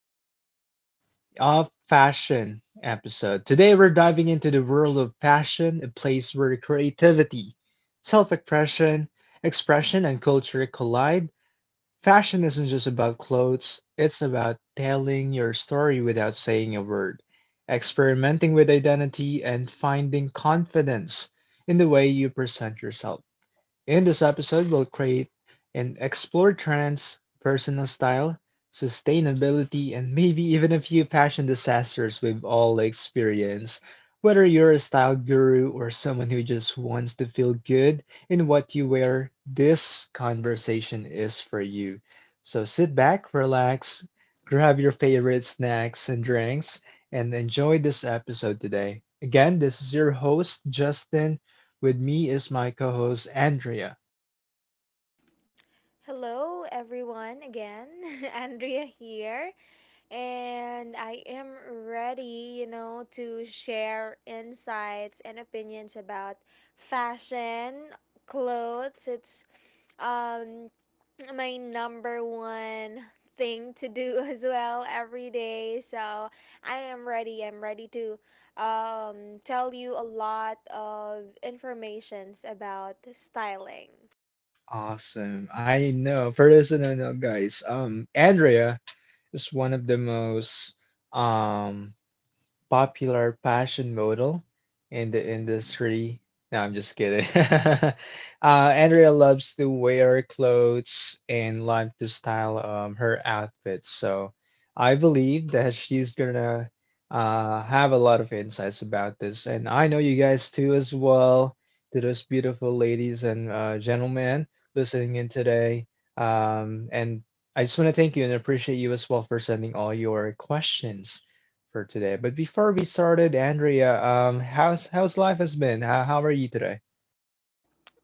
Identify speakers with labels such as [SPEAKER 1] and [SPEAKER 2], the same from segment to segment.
[SPEAKER 1] podcast of fashion episode. Today, we're diving into the world of fashion, a place where creativity, self expression, and culture collide. Fashion isn't just about clothes, it's about telling your story without saying a word, experimenting with identity, and finding confidence in the way you present yourself. In this episode we'll create and explore trends, personal style, sustainability, and maybe even a few fashion disasters we've all experienced. Whether you're a style guru or someone who just wants to feel good in what you wear, this conversation is for you. So sit back, relax, grab your favorite snacks and drinks, and enjoy this episode today. Again, this is your host, Justin. With me is my co host, Andrea.
[SPEAKER 2] Hello, everyone, again. Andrea here. And I am ready, to share insights and opinions about fashion, clothes. It's um, my number one thing to do as well every day. So I am ready. I'm ready to tell you a lot of informations about styling.
[SPEAKER 1] Awesome. I know. For those who don't know, guys, Andrea is one of the most um popular passion model in the industry. No, I'm just kidding. Andrea loves to wear clothes and like to style her outfits. So I believe that she's gonna have a lot of insights about this. And I know you guys too as well, to those beautiful ladies and gentlemen listening in today. And I just want to thank you and appreciate you as well for sending all your questions for today. But before we started, Andrea, how's life has been? How are you today?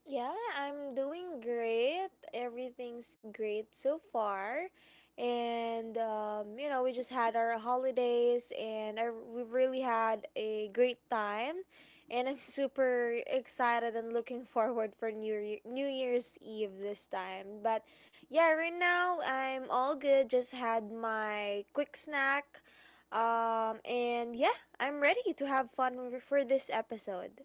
[SPEAKER 2] Yeah, I'm doing great. Everything's great so far. And we just had our holidays and we really had a great time. And I'm super excited and looking forward for New Year, New Year's Eve this time. But yeah, right now I'm all good. Just had my quick snack. And yeah, I'm ready to have fun for this episode.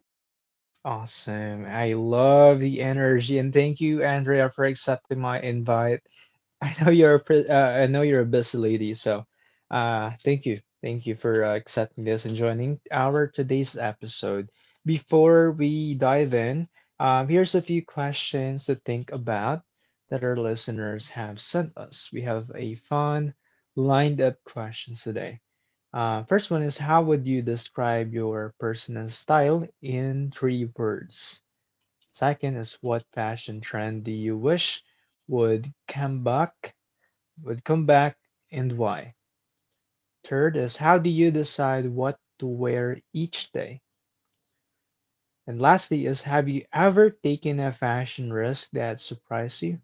[SPEAKER 1] Awesome. I love the energy and thank you, Andrea, for accepting my invite. I know you're a I know you're a busy lady, so thank you for accepting this and joining our today's episode. Before we dive in, here's a few questions to think about that our listeners have sent us. We have a fun lined up questions today. First one is how would you describe your personal style in three words? Second is what fashion trend do you wish would come back and why. Third is how do you decide what to wear each day? And lastly is have you ever taken a fashion risk that surprised you?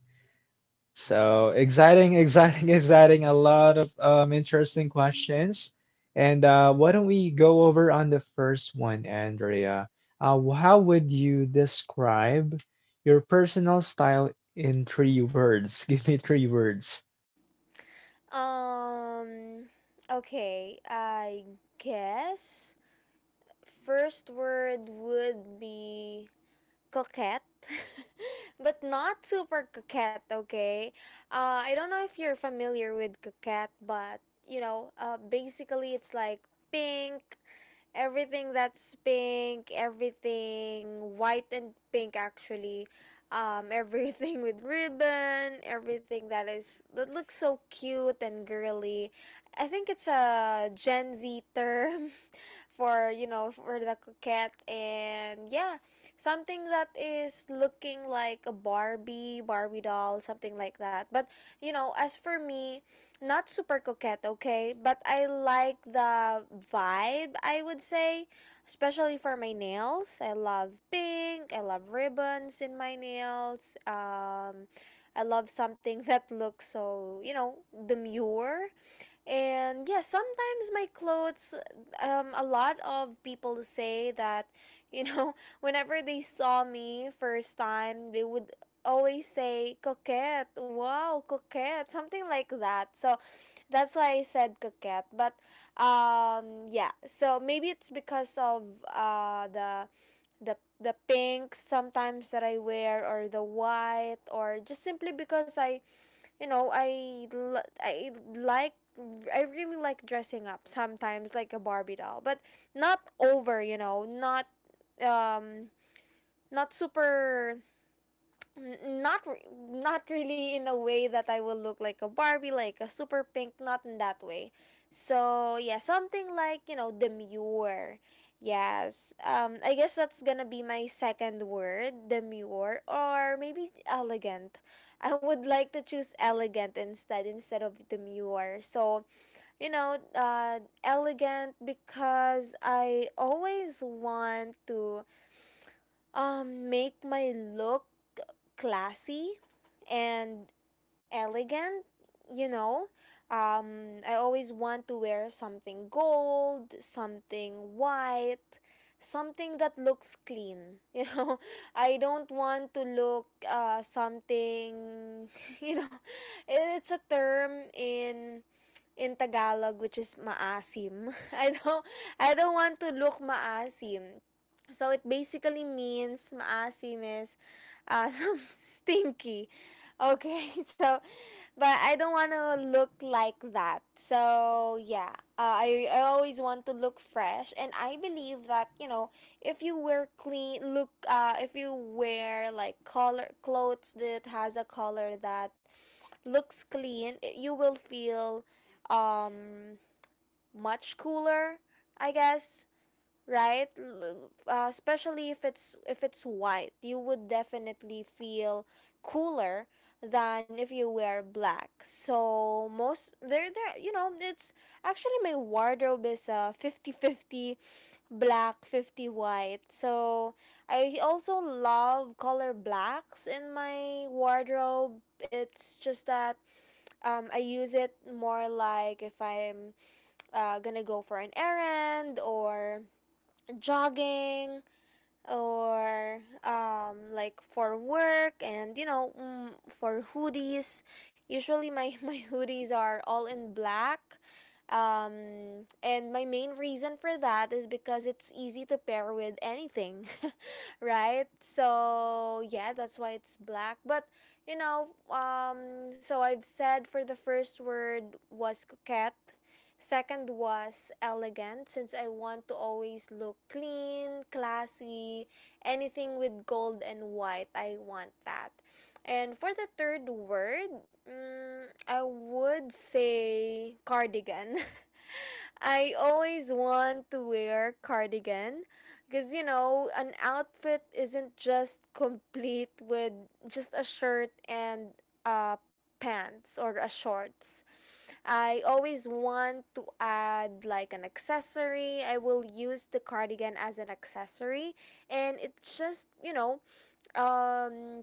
[SPEAKER 1] So exciting, exciting, exciting. A lot of interesting questions. And why don't we go over on the first one, Andrea? How would you describe your personal style in three words? Give me three words.
[SPEAKER 2] Um, okay, I guess first word would be coquette, but not super coquette, okay? I don't know if you're familiar with coquette, but basically it's like pink, everything that's pink, everything white and pink actually. Everything with ribbon, everything that looks so cute and girly. I think it's a Gen Z term for for the coquette, and yeah, something that is looking like a barbie doll, something like that. But you know, as for me, not super coquette, okay, but I like the vibe, I would say, especially for my nails. I love pink, I love ribbons in my nails. I love something that looks so, you know, demure. And yeah, sometimes my clothes, a lot of people say that, you know, whenever they saw me first time, they would always say, coquette, wow, coquette, something like that. So that's why I said coquette. But yeah, so maybe it's because of uh, the, the pinks sometimes that I wear, or the white, or just simply because I you know, I l- I like, I really like dressing up sometimes like a Barbie doll, but not over, you know, not um not super N- not re- not really in a way that I will look like a Barbie, like a super pink, not in that way. So yeah, something like, you know, demure. Yes, I guess that's gonna be my second word, demure, or maybe elegant. I would like to choose elegant instead of demure. So you know, elegant because I always want to make my look classy and elegant, you know. I always want to wear something gold, something white, something that looks clean, you know. I don't want to look something, you know, it's a term in Tagalog, which is maasim. I don't want to look maasim. So it basically means maasim is some stinky. Okay, so but I don't want to look like that. So yeah, I always want to look fresh, and I believe that, you know, if you wear clean look, if you wear like color clothes that has a color that looks clean, you will feel um much cooler, I guess, right? Especially if it's white, you would definitely feel cooler than if you wear black. So most, there you know, it's actually my wardrobe is 50 50 black, 50 white. So I also love color blacks in my wardrobe. It's just that I use it more like if I'm gonna go for an errand or jogging, or like for work, and you know, for hoodies, usually my hoodies are all in black. And my main reason for that is because it's easy to pair with anything, right? So yeah, that's why it's black. But so I've said, for the first word was coquette. Second was elegant, since I want to always look clean, classy, anything with gold and white. I want that. And for the third word, I would say cardigan. I always want to wear cardigan because, you know, an outfit isn't just complete with just a shirt and uh pants or a shorts. I always want to add like an accessory. I will use the cardigan as an accessory, and it just, you know, um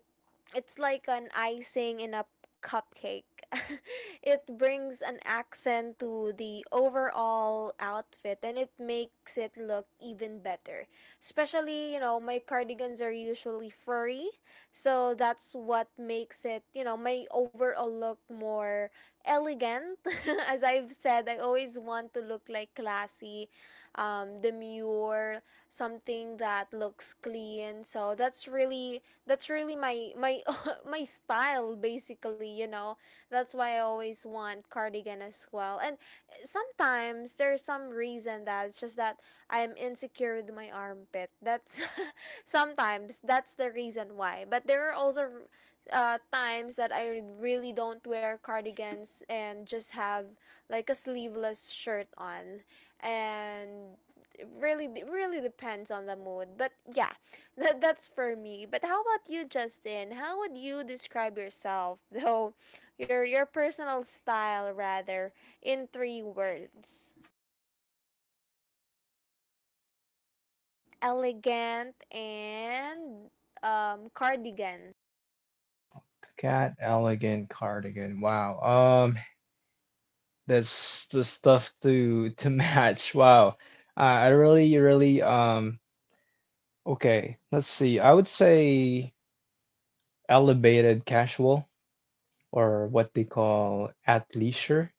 [SPEAKER 2] it's like an icing in a cupcake. It brings an accent to the overall outfit and it makes it look even better. Especially, you know, my cardigans are usually furry, so that's what makes it, you know, my overall look more elegant. As I've said, I always want to look like classy, demure, something that looks clean. So that's really my my style, basically, you know. That's why I always want cardigan as well. And sometimes there's some reason that it's just that I'm insecure with my armpit. That's sometimes that's the reason why. But there are also times that I really don't wear cardigans and just have like a sleeveless shirt on, and it really really depends on the mood. But yeah, that's for me. But how about you, Justin? How would you describe yourself, though, your personal style rather, in three words? Elegant and cardigan.
[SPEAKER 1] Cat elegant cardigan. Wow. That's the stuff to match. Wow. I really, really okay, let's see. I would say elevated casual or what they call athleisure.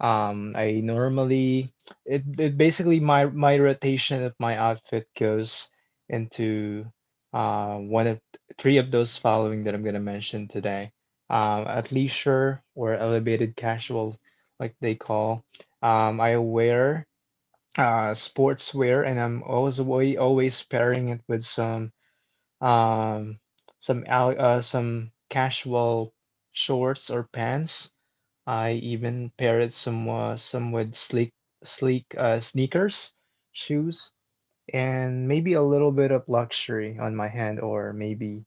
[SPEAKER 1] I normally it basically my rotation of my outfit goes into one of three of those following that I'm gonna mention today. Athleisure or elevated casual, like they call. I wear sportswear and I'm always pairing it with some um some casual shorts or pants. I even pair it some with sleek sneakers, shoes, and maybe a little bit of luxury on my hand or maybe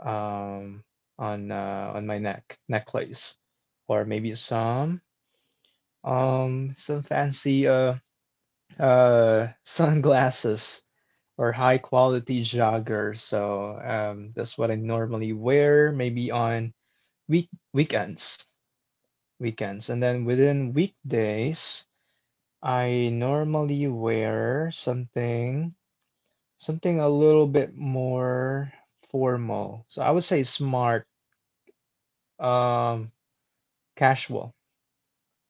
[SPEAKER 1] um on my neck necklace or maybe some fancy sunglasses or high quality joggers. So that's what I normally wear, maybe on week weekends, weekends, and then within weekdays, I normally wear something a little bit more formal. So I would say smart, um, casual,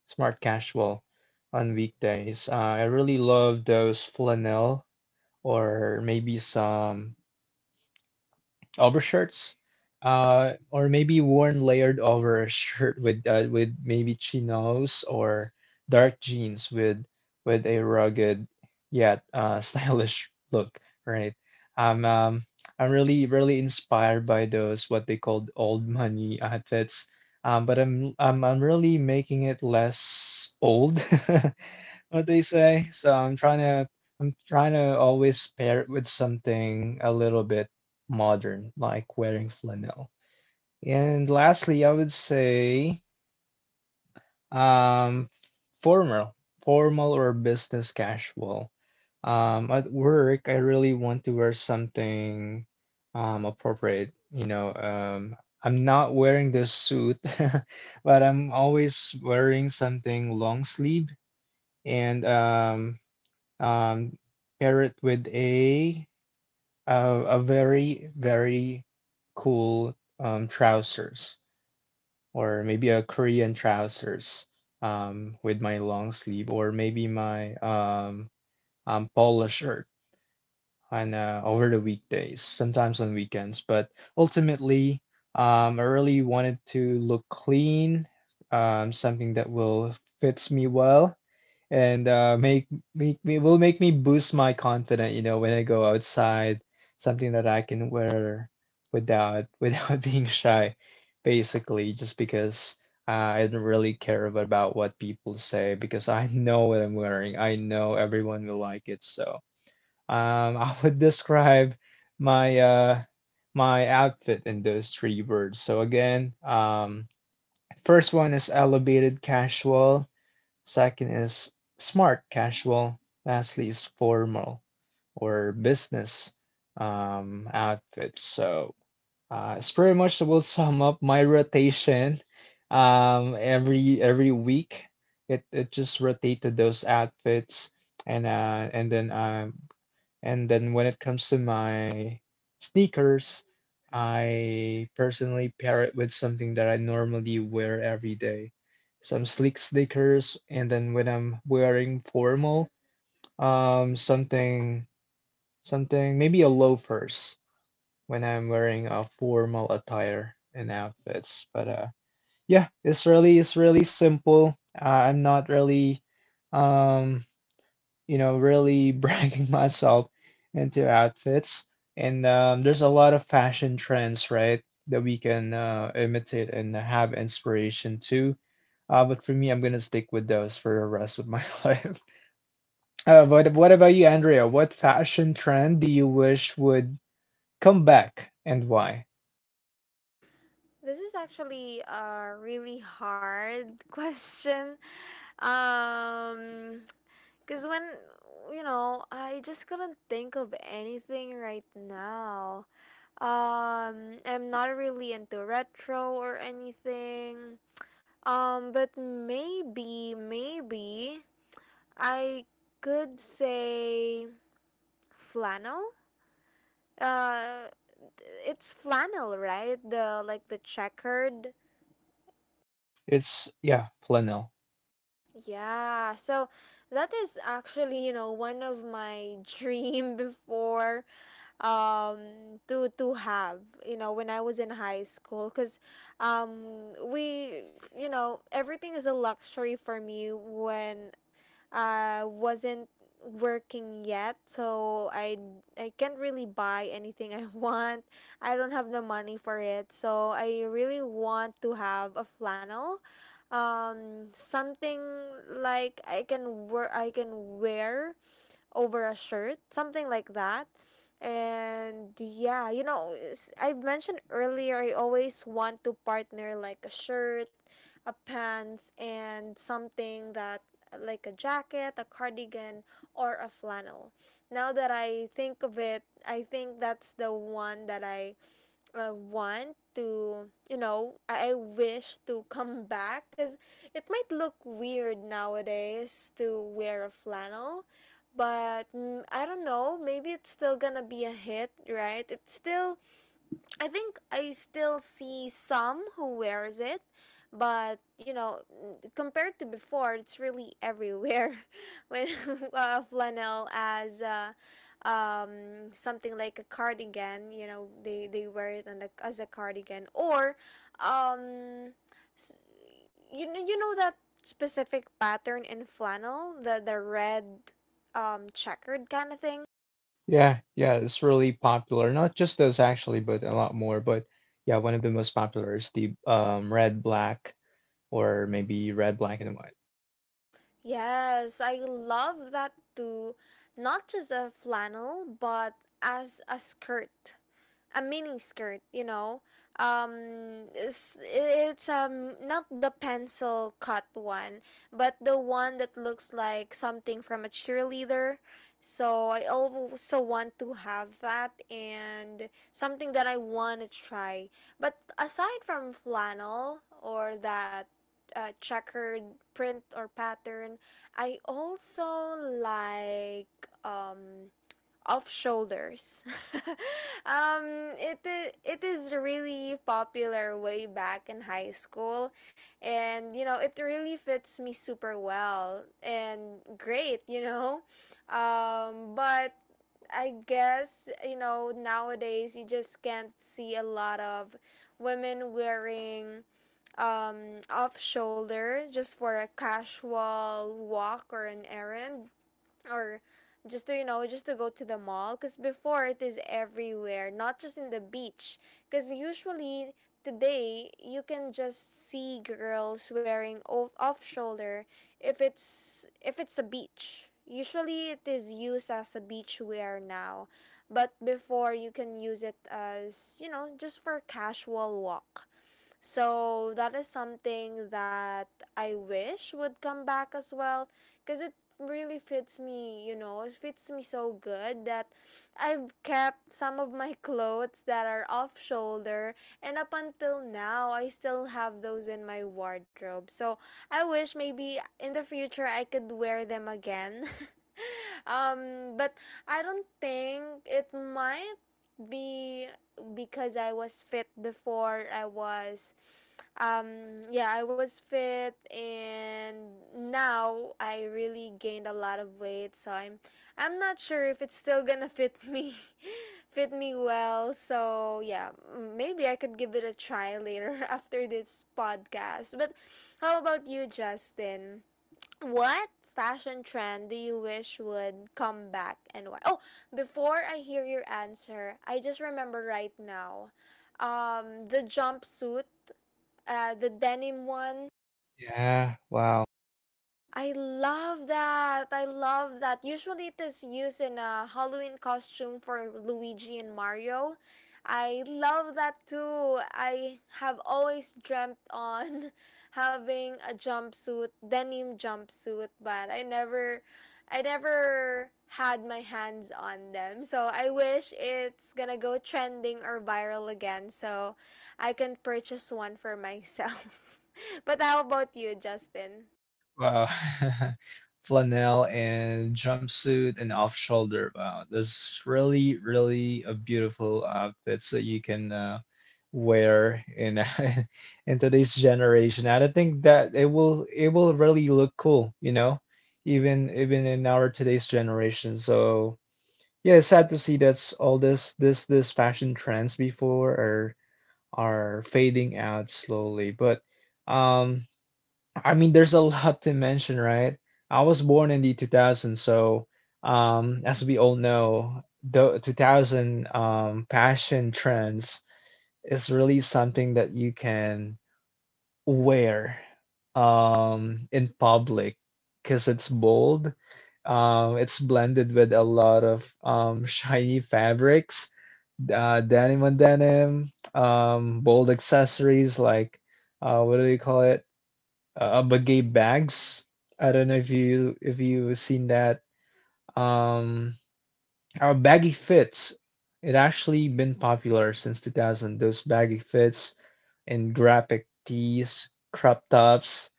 [SPEAKER 1] smart casual on weekdays. I really love those flannel or maybe some overshirts, or maybe worn layered over a shirt with maybe chinos or dark jeans with a rugged yet stylish look, right? I'm um, I'm really really inspired by those what they called old money outfits, but I'm really making it less old, what they say. So I'm trying to always pair it with something a little bit modern, like wearing flannel. And lastly, I would say um, formal, formal or business casual. At work, I really want to wear something appropriate. You know, I'm not wearing the suit, but I'm always wearing something long sleeve and um, pair it with a very, very cool trousers, or maybe a Korean trousers with my long sleeve, or maybe my polo shirt on over the weekdays, sometimes on weekends. But ultimately, I really wanted to look clean, something that will fits me well and make make me will make me boost my confidence, you know, when I go outside, something that I can wear without without being shy, basically, just because I don't really care about what people say because I know what I'm wearing. I know everyone will like it, so I would describe my uh my outfit in those three words. So again, first one is elevated casual. Second is smart casual. Lastly is formal or business outfits. So it's pretty much will sum up my rotation every week. It just rotated those outfits and uh, and then uh, and then when it comes to my sneakers, I personally pair it with something that I normally wear every day. Some sleek sneakers, and then when I'm wearing formal, um, something, something, maybe a loafers when I'm wearing a formal attire and outfits. But yeah, it's really simple. I'm not really, um, you know, really bragging myself into outfits. And there's a lot of fashion trends, right, that we can imitate and have inspiration to. But for me, I'm gonna stick with those for the rest of my life. But what about you, Andrea? What fashion trend do you wish would come back and why?
[SPEAKER 2] This is actually a really hard question. Um, Cause when, you know, I just couldn't think of anything right now. I'm not really into retro or anything. Maybe I could say flannel. Uh, it's flannel, right? The like the checkered.
[SPEAKER 1] It's, yeah, flannel.
[SPEAKER 2] Yeah, so that is actually, you know, one of my dream before to have, you know, when I was in high school, cuz we, you know, everything is a luxury for me when wasn't working yet. So I can't really buy anything I want. I don't have the money for it. So I really want to have a flannel, something like I can wear, over a shirt, something like that. And yeah, you know, I've mentioned earlier, I always want to partner like a shirt, a pants, and something that like a jacket, a cardigan, or a flannel. Now that I think of it, I think that's the one that I want to, you know, I wish to come back, because it might look weird nowadays to wear a flannel, but I don't know, maybe it's still gonna be a hit, right? It's still I think I still see some who wears it, but you know, compared to before, it's really everywhere. When flannel as something like a cardigan, you know, they wear it on a, as a cardigan, or um, s- you know, that specific pattern in flannel, the red checkered kind of thing.
[SPEAKER 1] Yeah, yeah, it's really popular. Not just those actually, but a lot more. But yeah, one of the most popular is the red, black or maybe red black and white.
[SPEAKER 2] Yes, I love that too. Not just a flannel, but as a skirt, a mini skirt, you know. It's not the pencil cut one, but the one that looks like something from a cheerleader. So I also want to have that, and something that I want to try. But aside from flannel or that checkered print or pattern, I also like um of shoulders. It is really popular way back in high school. And, you know, it really fits me super well and great, you know. But I guess, you know, nowadays you just can't see a lot of women wearing off shoulder just for a casual walk or an errand, or just to, you know, just to go to the mall. Because before, it is everywhere, not just in the beach. Because usually today, you can just see girls wearing off shoulder if it's a beach. Usually it is used as a beach wear now, but before, you can use it as, you know, just for casual walk. So that is something that I wish would come back as well, because it really fits me. You know, it fits me so good that I've kept some of my clothes that are off shoulder, and up until now I still have those in my wardrobe. So I wish maybe in the future I could wear them again. But I don't think it might be, because I was fit before. I was yeah, I was fit, and now I really gained a lot of weight, so I'm not sure if it's still gonna fit me fit me well. So yeah, maybe I could give it a try later after this podcast. But how about you, Justin? What fashion trend do you wish would come back, and why? Oh, before I hear your answer, I just remember right now the jumpsuit, the denim one.
[SPEAKER 1] Yeah, wow.
[SPEAKER 2] I love that. I love that. Usually it is used in a Halloween costume for Luigi and Mario. I love that too. I have always dreamt on having a jumpsuit, denim jumpsuit, but I never had my hands on them. So I wish it's gonna go trending or viral again so I can purchase one for myself. But how about you, Justin?
[SPEAKER 1] Wow. Flannel and jumpsuit and off shoulder. Wow. That's really, really a beautiful outfits that you can wear in in today's generation. And I think that it will really look cool, you know, even in our today's generation. So yeah, it's sad to see that's all this fashion trends before are fading out slowly. But um, I mean, there's a lot to mention, right? I was born in the 2000s, so as we all know, the 2000 fashion trends is really something that you can wear in public because it's bold. It's blended with a lot of shiny fabrics denim on denim, bold accessories like what do they call it? Bagay bags. I don't know if you if you've seen that. Um, our baggy fits. It actually been popular since 2000. Those baggy fits and graphic tees, crop tops,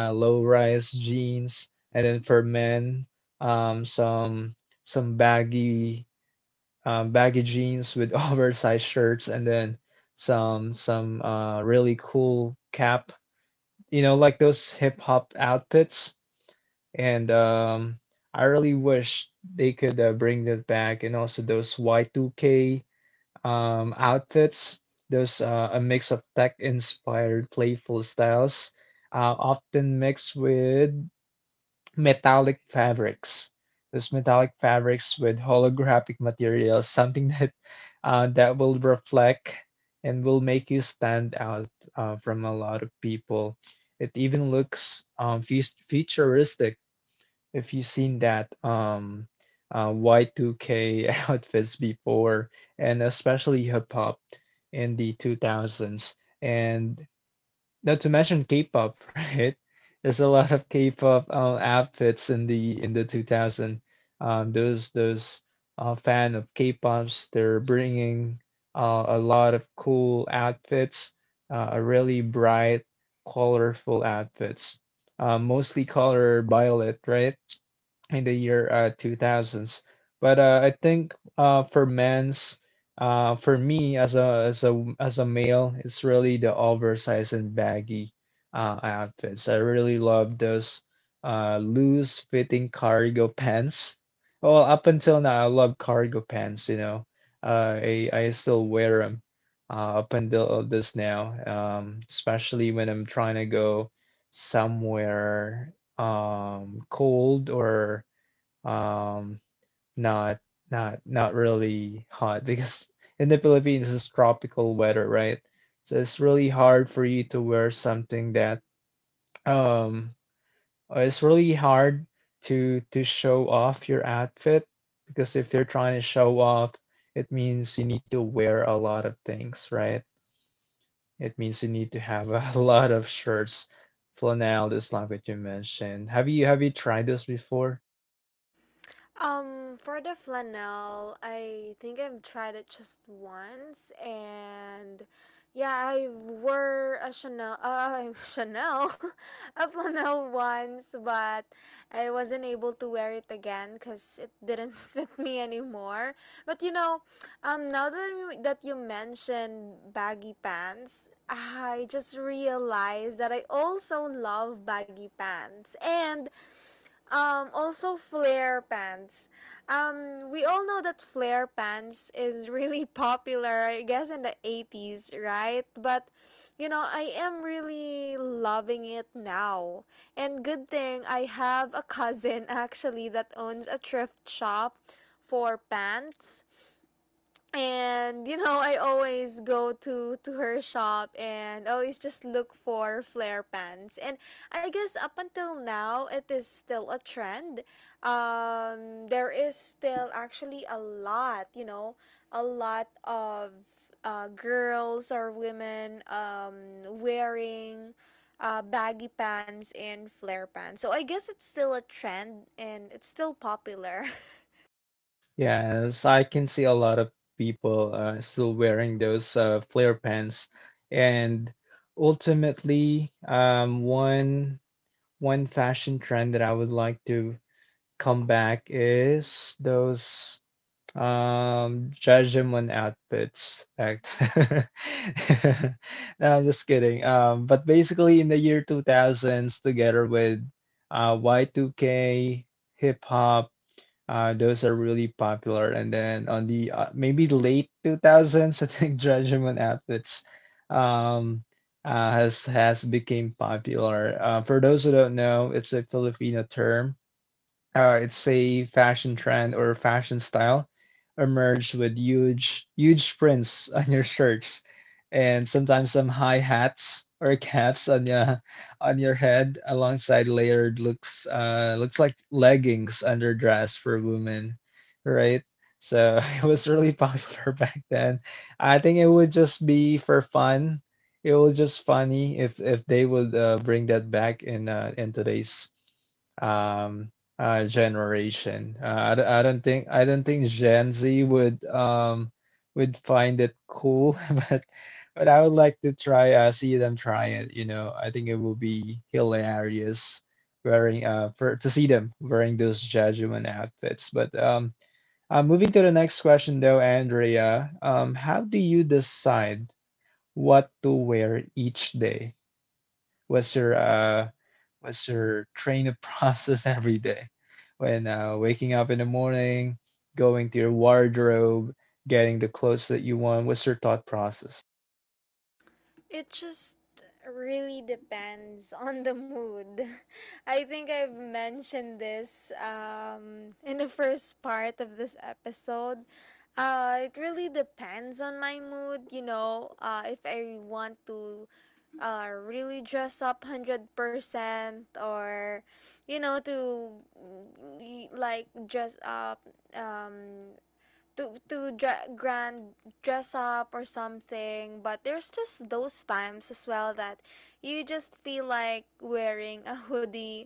[SPEAKER 1] low rise jeans, and then for men, some some baggy baggy jeans with oversized shirts and then some really cool cap, you know, like those hip hop outfits. And I really wish they could bring that back. And also those Y2K outfits, those a mix of tech inspired playful styles, often mixed with metallic fabrics. Those metallic fabrics with holographic materials, something that that will reflect and will make you stand out from a lot of people. It even looks futuristic if you've seen that Y2K outfits before, and especially hip hop in the 2000s. And not to mention K-pop, right? There's a lot of K-pop outfits in the 2000. Those fan of K-pops, they're bringing a lot of cool outfits, a really bright, colorful outfits, mostly color violet, right? In the year 2000s. But I think for men's for me, as a as a as a male, it's really the oversized and baggy outfits. I really love those loose fitting cargo pants. Well, up until now, I love cargo pants. You know, I still wear them up until this now, especially when I'm trying to go somewhere cold or um, not not really hot because in the Philippines it's tropical weather, right? So it's really hard for you to wear something that um it's really hard to show off your outfit because if you're trying to show off, it means you need to wear a lot of things, right? It means you need to have a lot of shirts. Flannel, this language you mentioned. Have you tried this before?
[SPEAKER 2] For the flannel, I think I've tried it just once, and yeah, I wore a Chanel, Chanel, a flannel once, but I wasn't able to wear it again because it didn't fit me anymore. But you know, now that you mentioned baggy pants, I just realized that I also love baggy pants, and also flare pants. We all know that flare pants is really popular, I guess, in the 80s, right? But, you know, I am really loving it now. And good thing I have a cousin actually that owns a thrift shop for pants, and you know I always go to her shop and always just look for flare pants. And I guess up until now it is still a trend. There is still actually a lot, you know, a lot of girls or women wearing baggy pants and flare pants, so I guess it's still a trend and it's still popular.
[SPEAKER 1] Yes, I can see a lot of people still wearing those flare pants, and ultimately, one fashion trend that I would like to come back is those Jajimon outfits. Fact. No, I'm just kidding. But basically, in the year 2000s, together with Y2K, hip hop, those are really popular. And then on the maybe late 2000s, I think Judgment Outfits um, has became popular. For those who don't know, it's a Filipino term, it's a fashion trend or fashion style emerged with huge prints on your shirts, and sometimes some high hats or caps on your head alongside layered looks looks like leggings under dress for women, right? So it was really popular back then. I think it would just be for fun. It was just funny if they would bring that back in today's um generation. I don't think I don't think Gen Z would um would find it cool, but but I would like to try, see them try it. You know, I think it will be hilarious wearing for to see them wearing those Judgment outfits. But moving to the next question though, Andrea, how do you decide what to wear each day? What's your what's your training process every day? When waking up in the morning, going to your wardrobe, getting the clothes that you want. What's your thought process?
[SPEAKER 2] It just really depends on the mood. I think I've mentioned this in the first part of this episode. It really depends on my mood, you know. If I want to really dress up 100%, or, you know, to like dress up, um, grand dress up or something. But there's just those times as well that you just feel like wearing a hoodie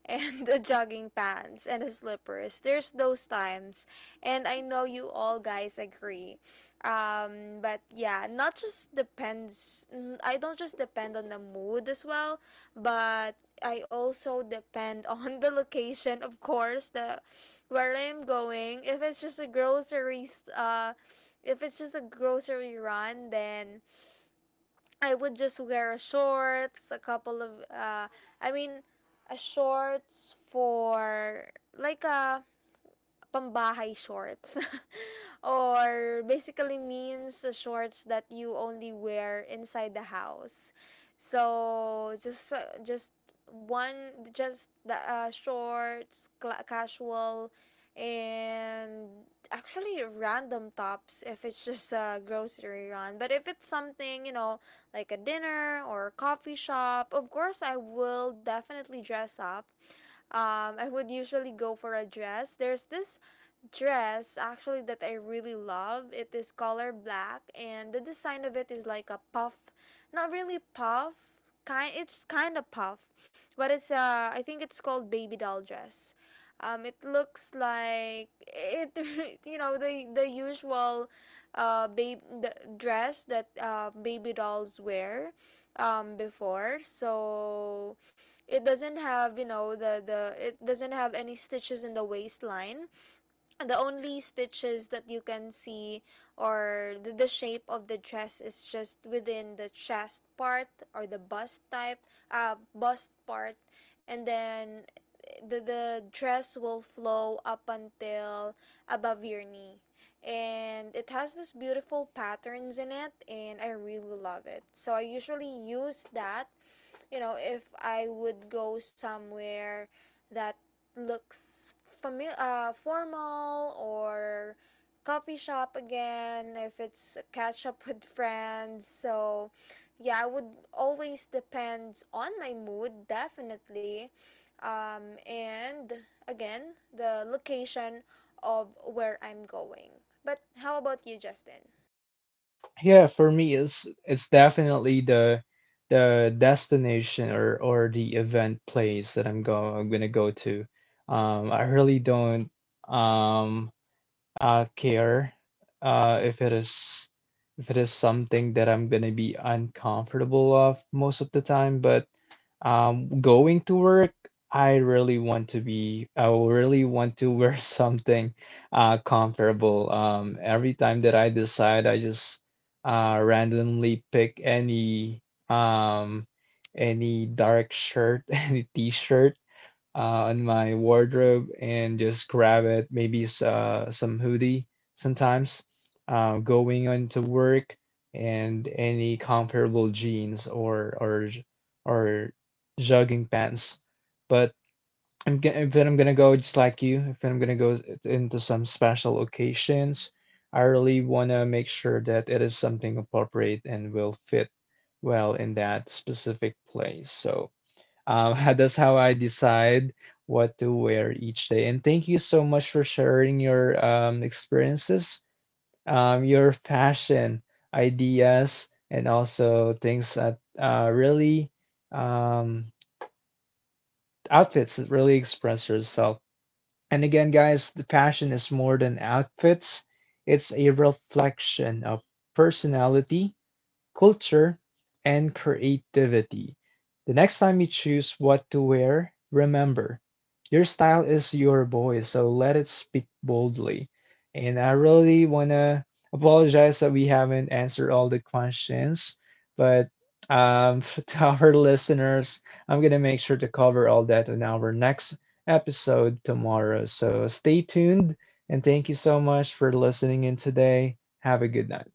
[SPEAKER 2] and the jogging pants and the slippers. There's those times, and I know you all guys agree. But yeah, not just depends. I don't just depend on the mood as well, but I also depend on the location, of course, the where I'm going. If it's just a grocery, s- if it's just a grocery run, then I would just wear a shorts, a couple of I mean a shorts for like a pambahay shorts or basically means shorts that you only wear inside the house. So just one just the shorts, casual, and actually random tops if it's just a grocery run. But if it's something, you know, like a dinner or a coffee shop, of course I will definitely dress up. I would usually go for a dress. There's this dress actually that I really love. It is color black and the design of it is like a puff, not really puff, kind it's kind of puff, but it's I think it's called baby doll dress. It looks like it you know the usual babe the dress that baby dolls wear before. So it doesn't have, you know, the it doesn't have any stitches in the waistline. The only stitches that you can see, or the shape of the dress, is just within the chest part or the bust type, bust part. And then the dress will flow up until above your knee, and it has this beautiful patterns in it, and I really love it. So I usually use that, you know, if I would go somewhere that looks formal, or coffee shop again if it's a catch up with friends. So yeah, I would, always depends on my mood definitely, and again the location of where I'm going. But how about you, Justin?
[SPEAKER 1] Yeah, for me, it's definitely the destination or the event place that I'm gonna go to. I really don't um care if it is, if it is something that I'm gonna be uncomfortable of most of the time. But going to work, I really want to wear something comfortable. Every time that I decide, I just randomly pick um, any dark shirt, any t-shirt in my wardrobe and just grab it. Maybe some hoodie sometimes. Going into work and any comfortable jeans or jogging pants. But I'm g if I'm gonna go just like you, if I'm gonna go into some special occasions, I really wanna make sure that it is something appropriate and will fit well in that specific place. So. That's how I decide what to wear each day. And thank you so much for sharing your experiences, your fashion ideas, and also things that really um, outfits that really express yourself. And again, guys, the fashion is more than outfits. It's a reflection of personality, culture, and creativity. The next time you choose what to wear, remember your style is your voice, so let it speak boldly. And I really want to apologize that we haven't answered all the questions, but to our listeners, I'm going to make sure to cover all that in our next episode tomorrow. So stay tuned, and thank you so much for listening in today. Have a good night.